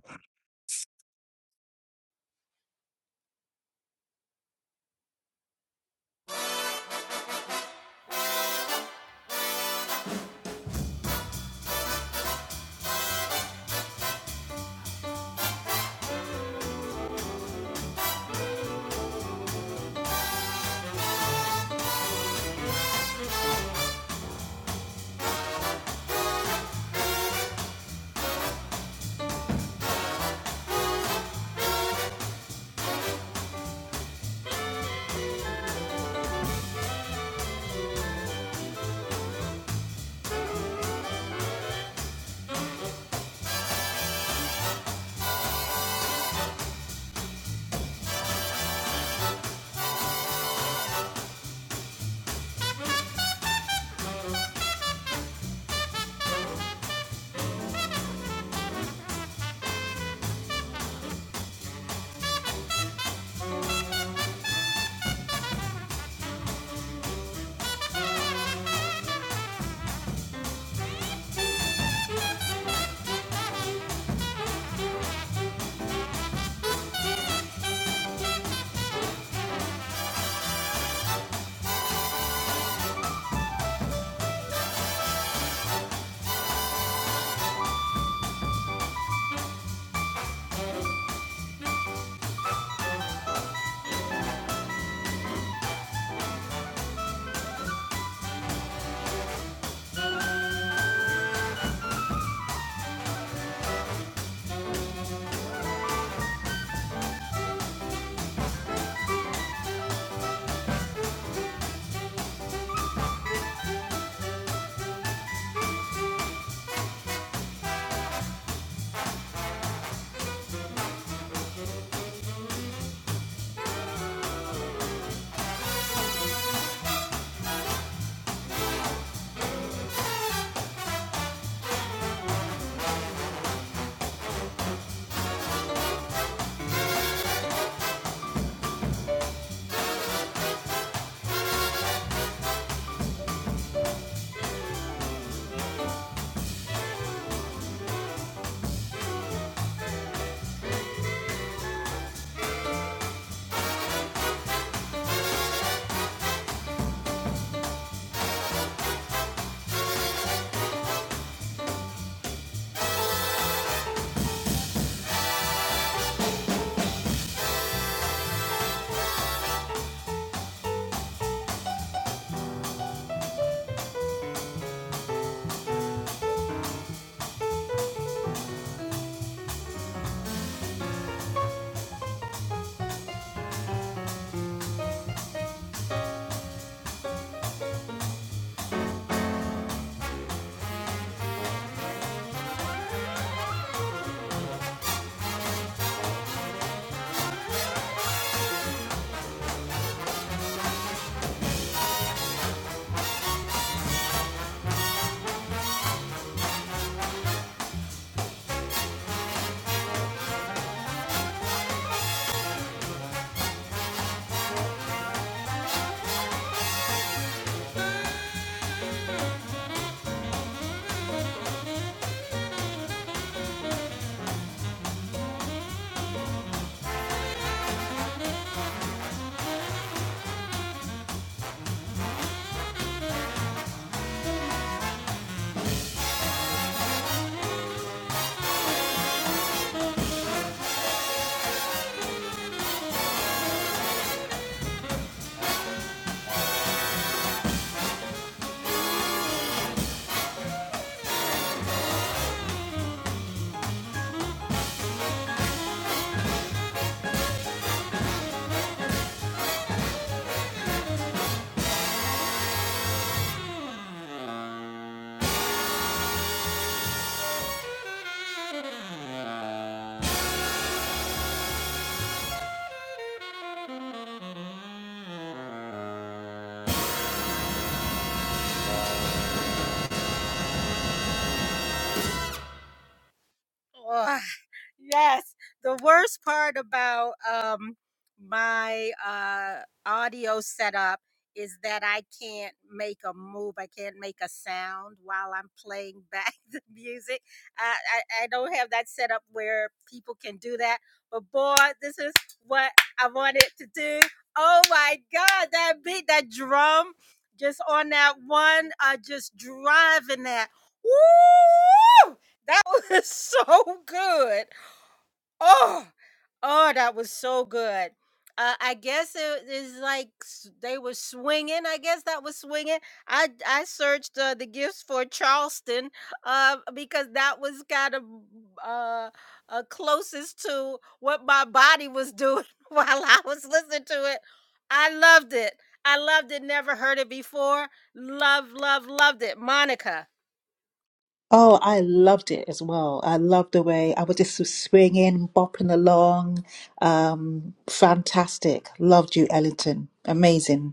A: Oh, I loved it as well. I loved the way I was just swinging, bopping along. Um, fantastic. Loved you, Ellington. Amazing.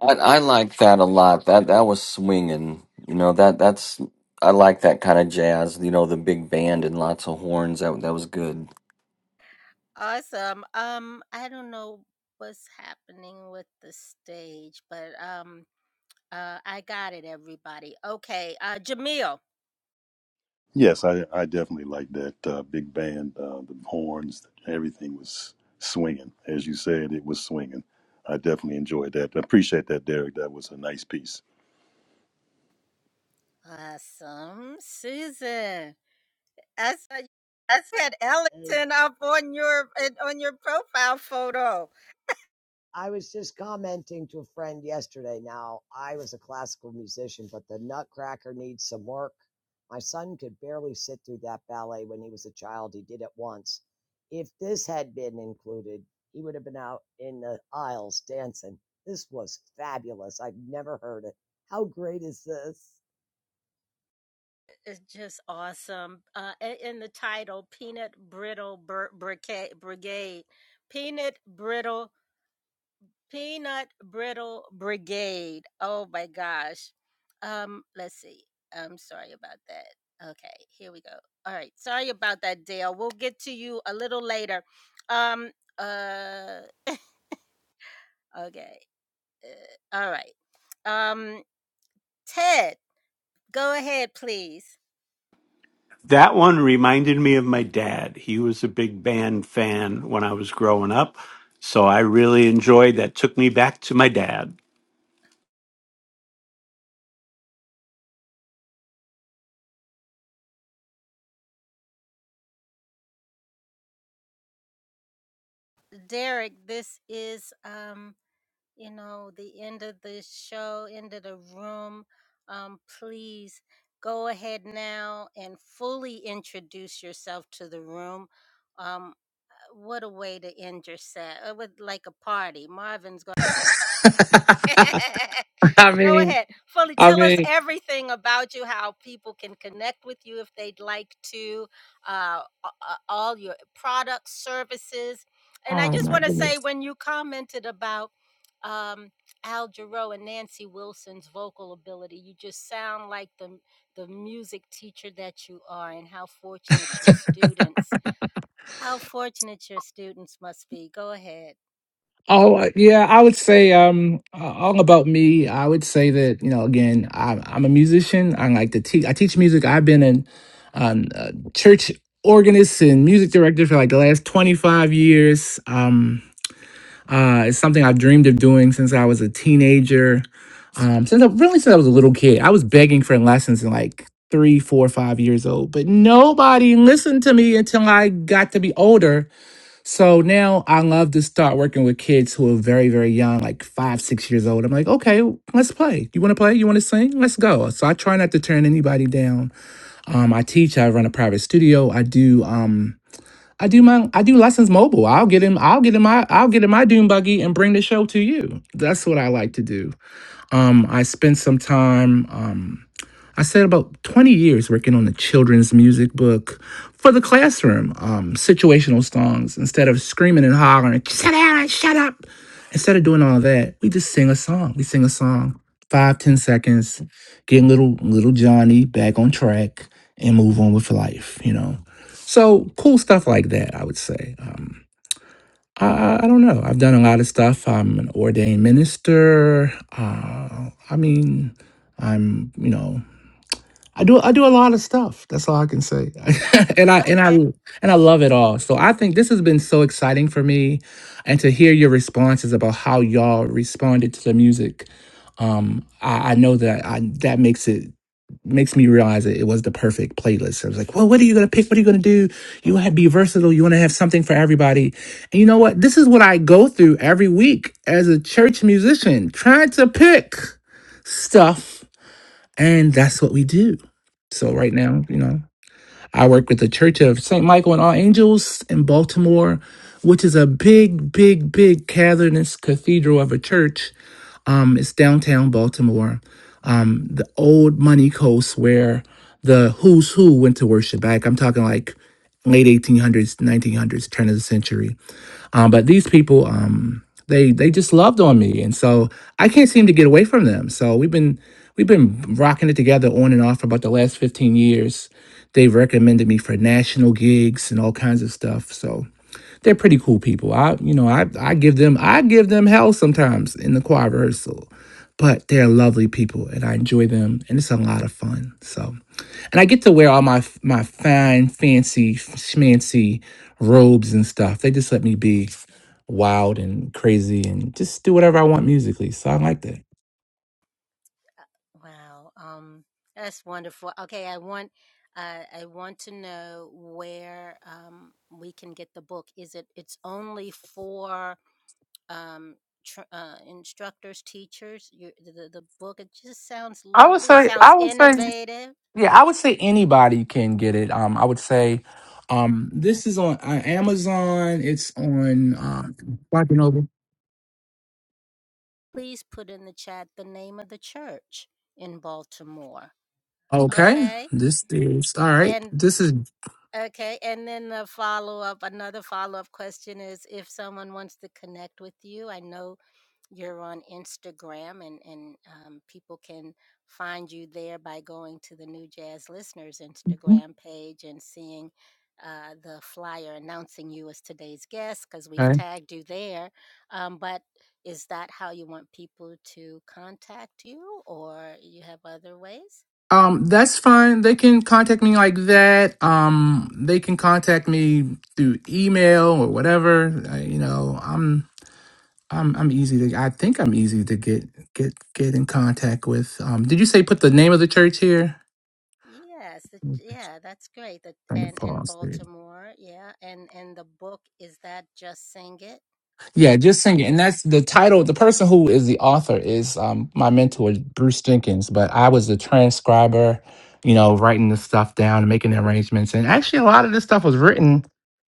D: I, I like that a lot. That that was swinging. You know that that's I like that kind of jazz. You know the big band and lots of horns. That that was good.
F: Yes, I I definitely like that uh, big band, uh, the horns, everything was swinging. As you said, it was swinging. I definitely enjoyed that. I appreciate that, Derek. That was a nice piece.
G: That's Hey, I was just commenting to a friend yesterday. Now, I was a classical musician, but the Nutcracker needs some work. My son could barely sit through that ballet when he was a child. He did it once. If this had been included, he would have been out in the aisles dancing. This was fabulous. I've never heard it. How great is this?
E: That one reminded me of my dad. He was a big band fan when I was growing up. So I really enjoyed that. Took me back to my dad.
B: I mean, I mean, oh my goodness. Oh uh, yeah, I would say um uh, all about me. I would say that you know again, I'm I'm a musician. I like to teach. I teach music. I've been in um uh, church organist and music director for like the last 25 years. Um, uh, it's something I've dreamed of doing since I was a teenager. Um, since I really since I was a little kid, I was begging for lessons in like three, four, five years old, but nobody listened to me until I got to be older so now I love to start working with kids who are very, very young, like five, six years old. I'm like, okay, let's play. You want to play? You want to sing? Let's go. So I try not to turn anybody down. Um, I teach. I run a private studio. I do. Um, I do my. I do lessons mobile. I'll get in. I'll get in my. I'll get in my dune buggy and bring the show to you. That's what I like to do. Um, I spend some time. Um, I spent about 20 years working on a children's music book for the classroom, um, situational songs. Instead of screaming and hollering, sit down and shut up. Instead of doing all that, we just sing a song. We sing a song, five, ten seconds, get little little Johnny back on track and move on with life, you know. So cool stuff like that, I would say. Um, I, I I don't know. I've done a lot of stuff. I'm an ordained minister. Uh, I mean, I'm, you know, I do I do a lot of stuff. That's all I can say. and I and I and I love it all. So I think this has been so exciting for me and to hear your responses about how y'all responded to the music. Um I, I know that I that makes it makes me realize that it was the perfect playlist. I was like, well, what are you gonna pick? What are you gonna do? You wanna be versatile, you wanna have something for everybody. And you know what? This is what I go through every week as a church musician, trying to pick stuff and that's what we do. So right now, you know, I work with the Church of St. Michael and All Angels in Baltimore, which is a big, big, big Calvinist cathedral of a church. Um, it's downtown Baltimore, um, the old money coast where the who's who went to worship back. I'm talking like late 1800s, 1900s, turn of the century um, but these people, um, they they just loved on me, and so I can't seem to get away from them. So we've been we've been rocking it together on and off for about the last fifteen years. They've recommended me for national gigs and all kinds of stuff. So they're pretty cool people. I you know I I give them I give them hell sometimes in the choir rehearsal, but they're lovely people, and I enjoy them, and it's a lot of fun. So and I get to wear all my f- my fine, fancy, schmancy robes and stuff. They just let me be wild and crazy and just do whatever I want musically. So I like that. I would say, I would say, yeah, I would say anybody can get it. Um, I would say, um, this is on uh, Amazon. It's on uh, Barnes and Noble. Okay, this is all right. This is okay. Um, that's fine. They can contact me like that. Um, they can contact me through email or whatever. I, you know, I'm I'm I'm easy to. I think I'm easy to get get get in contact with. Um, did you say put the name of the church here? I can pause. there. Yeah, just singing. And that's the title. The person who is the author is um, my mentor, Bruce Jenkins, but I was the transcriber, you know, writing the stuff down and making the arrangements. And actually, a lot of this stuff was written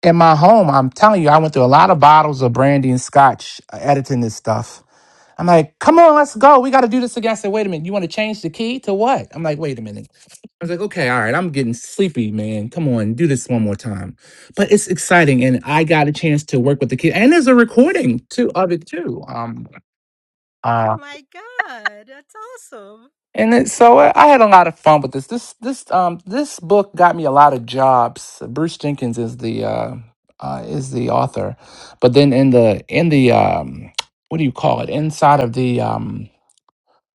B: in my home. I'm telling you, I went through a lot of bottles of brandy and scotch uh, editing this stuff. I'm like, come on, let's go. We got to do this again. I said, wait a minute. You want to change the key to what? I'm like, wait a minute. I was like, okay, all right. I'm getting sleepy, man. Come on, do this one more time but it's exciting and i got a chance to work with the kid and there's a recording too of it too um uh and it, so i I had a lot of fun with this this this um this book got me a lot of jobs bruce jenkins is the uh, uh is the author but then in the in the um what do you call it inside of the um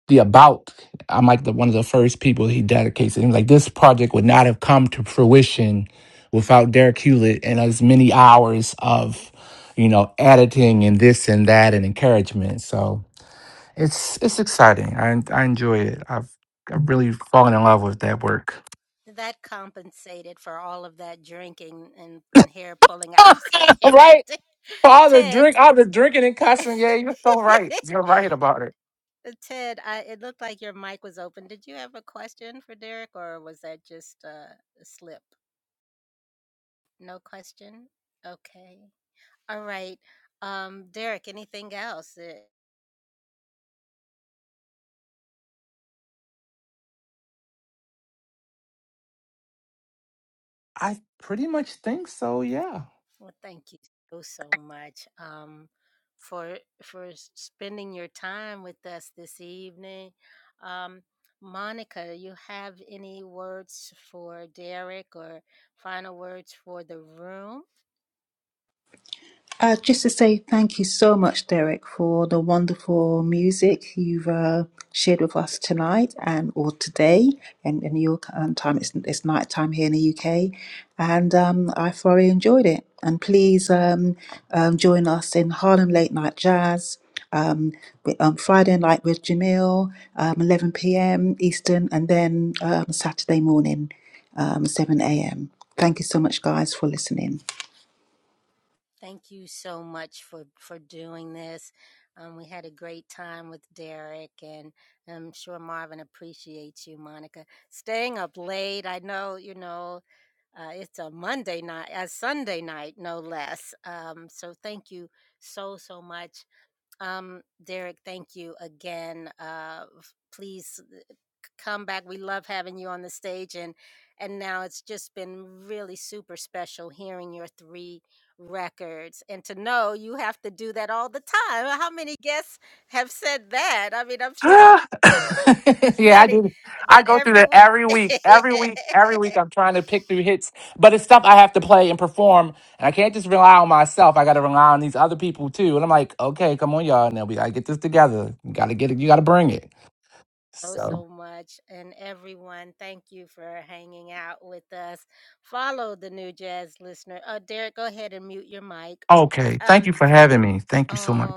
B: the about i'm like the one of the first people he dedicates him like this project would not have come to fruition without derek hewlett and as many hours of you know editing and this and that and encouragement so it's it's exciting i, I enjoy it i've i've really fallen in love with that work right all the drink all the drinking and cussing yeah you're so right you're right about it i pretty much think so yeah
A: Uh, just to say thank you so much, Derek, for the wonderful music you've uh, shared with us tonight and or today. And in your um, time, it's, it's night time here in the UK. And um, I thoroughly enjoyed it. And please um, um, join us in Harlem Late Night Jazz um, Friday night with Jamil, um, 11 p.m. Eastern, and then um, Saturday morning, um, 7 a.m. Thank you so much, guys, for listening.
B: Ah. yeah, I do. I go through that every week, every week, every week. I'm trying to pick through hits, but it's stuff I have to play and perform, and I can't just rely on myself. I got to rely on these other people too. And I'm like, okay, come on, y'all. Now we gotta get this together. You gotta get it. You gotta bring it. Okay. Thank you for having me. Thank you so much.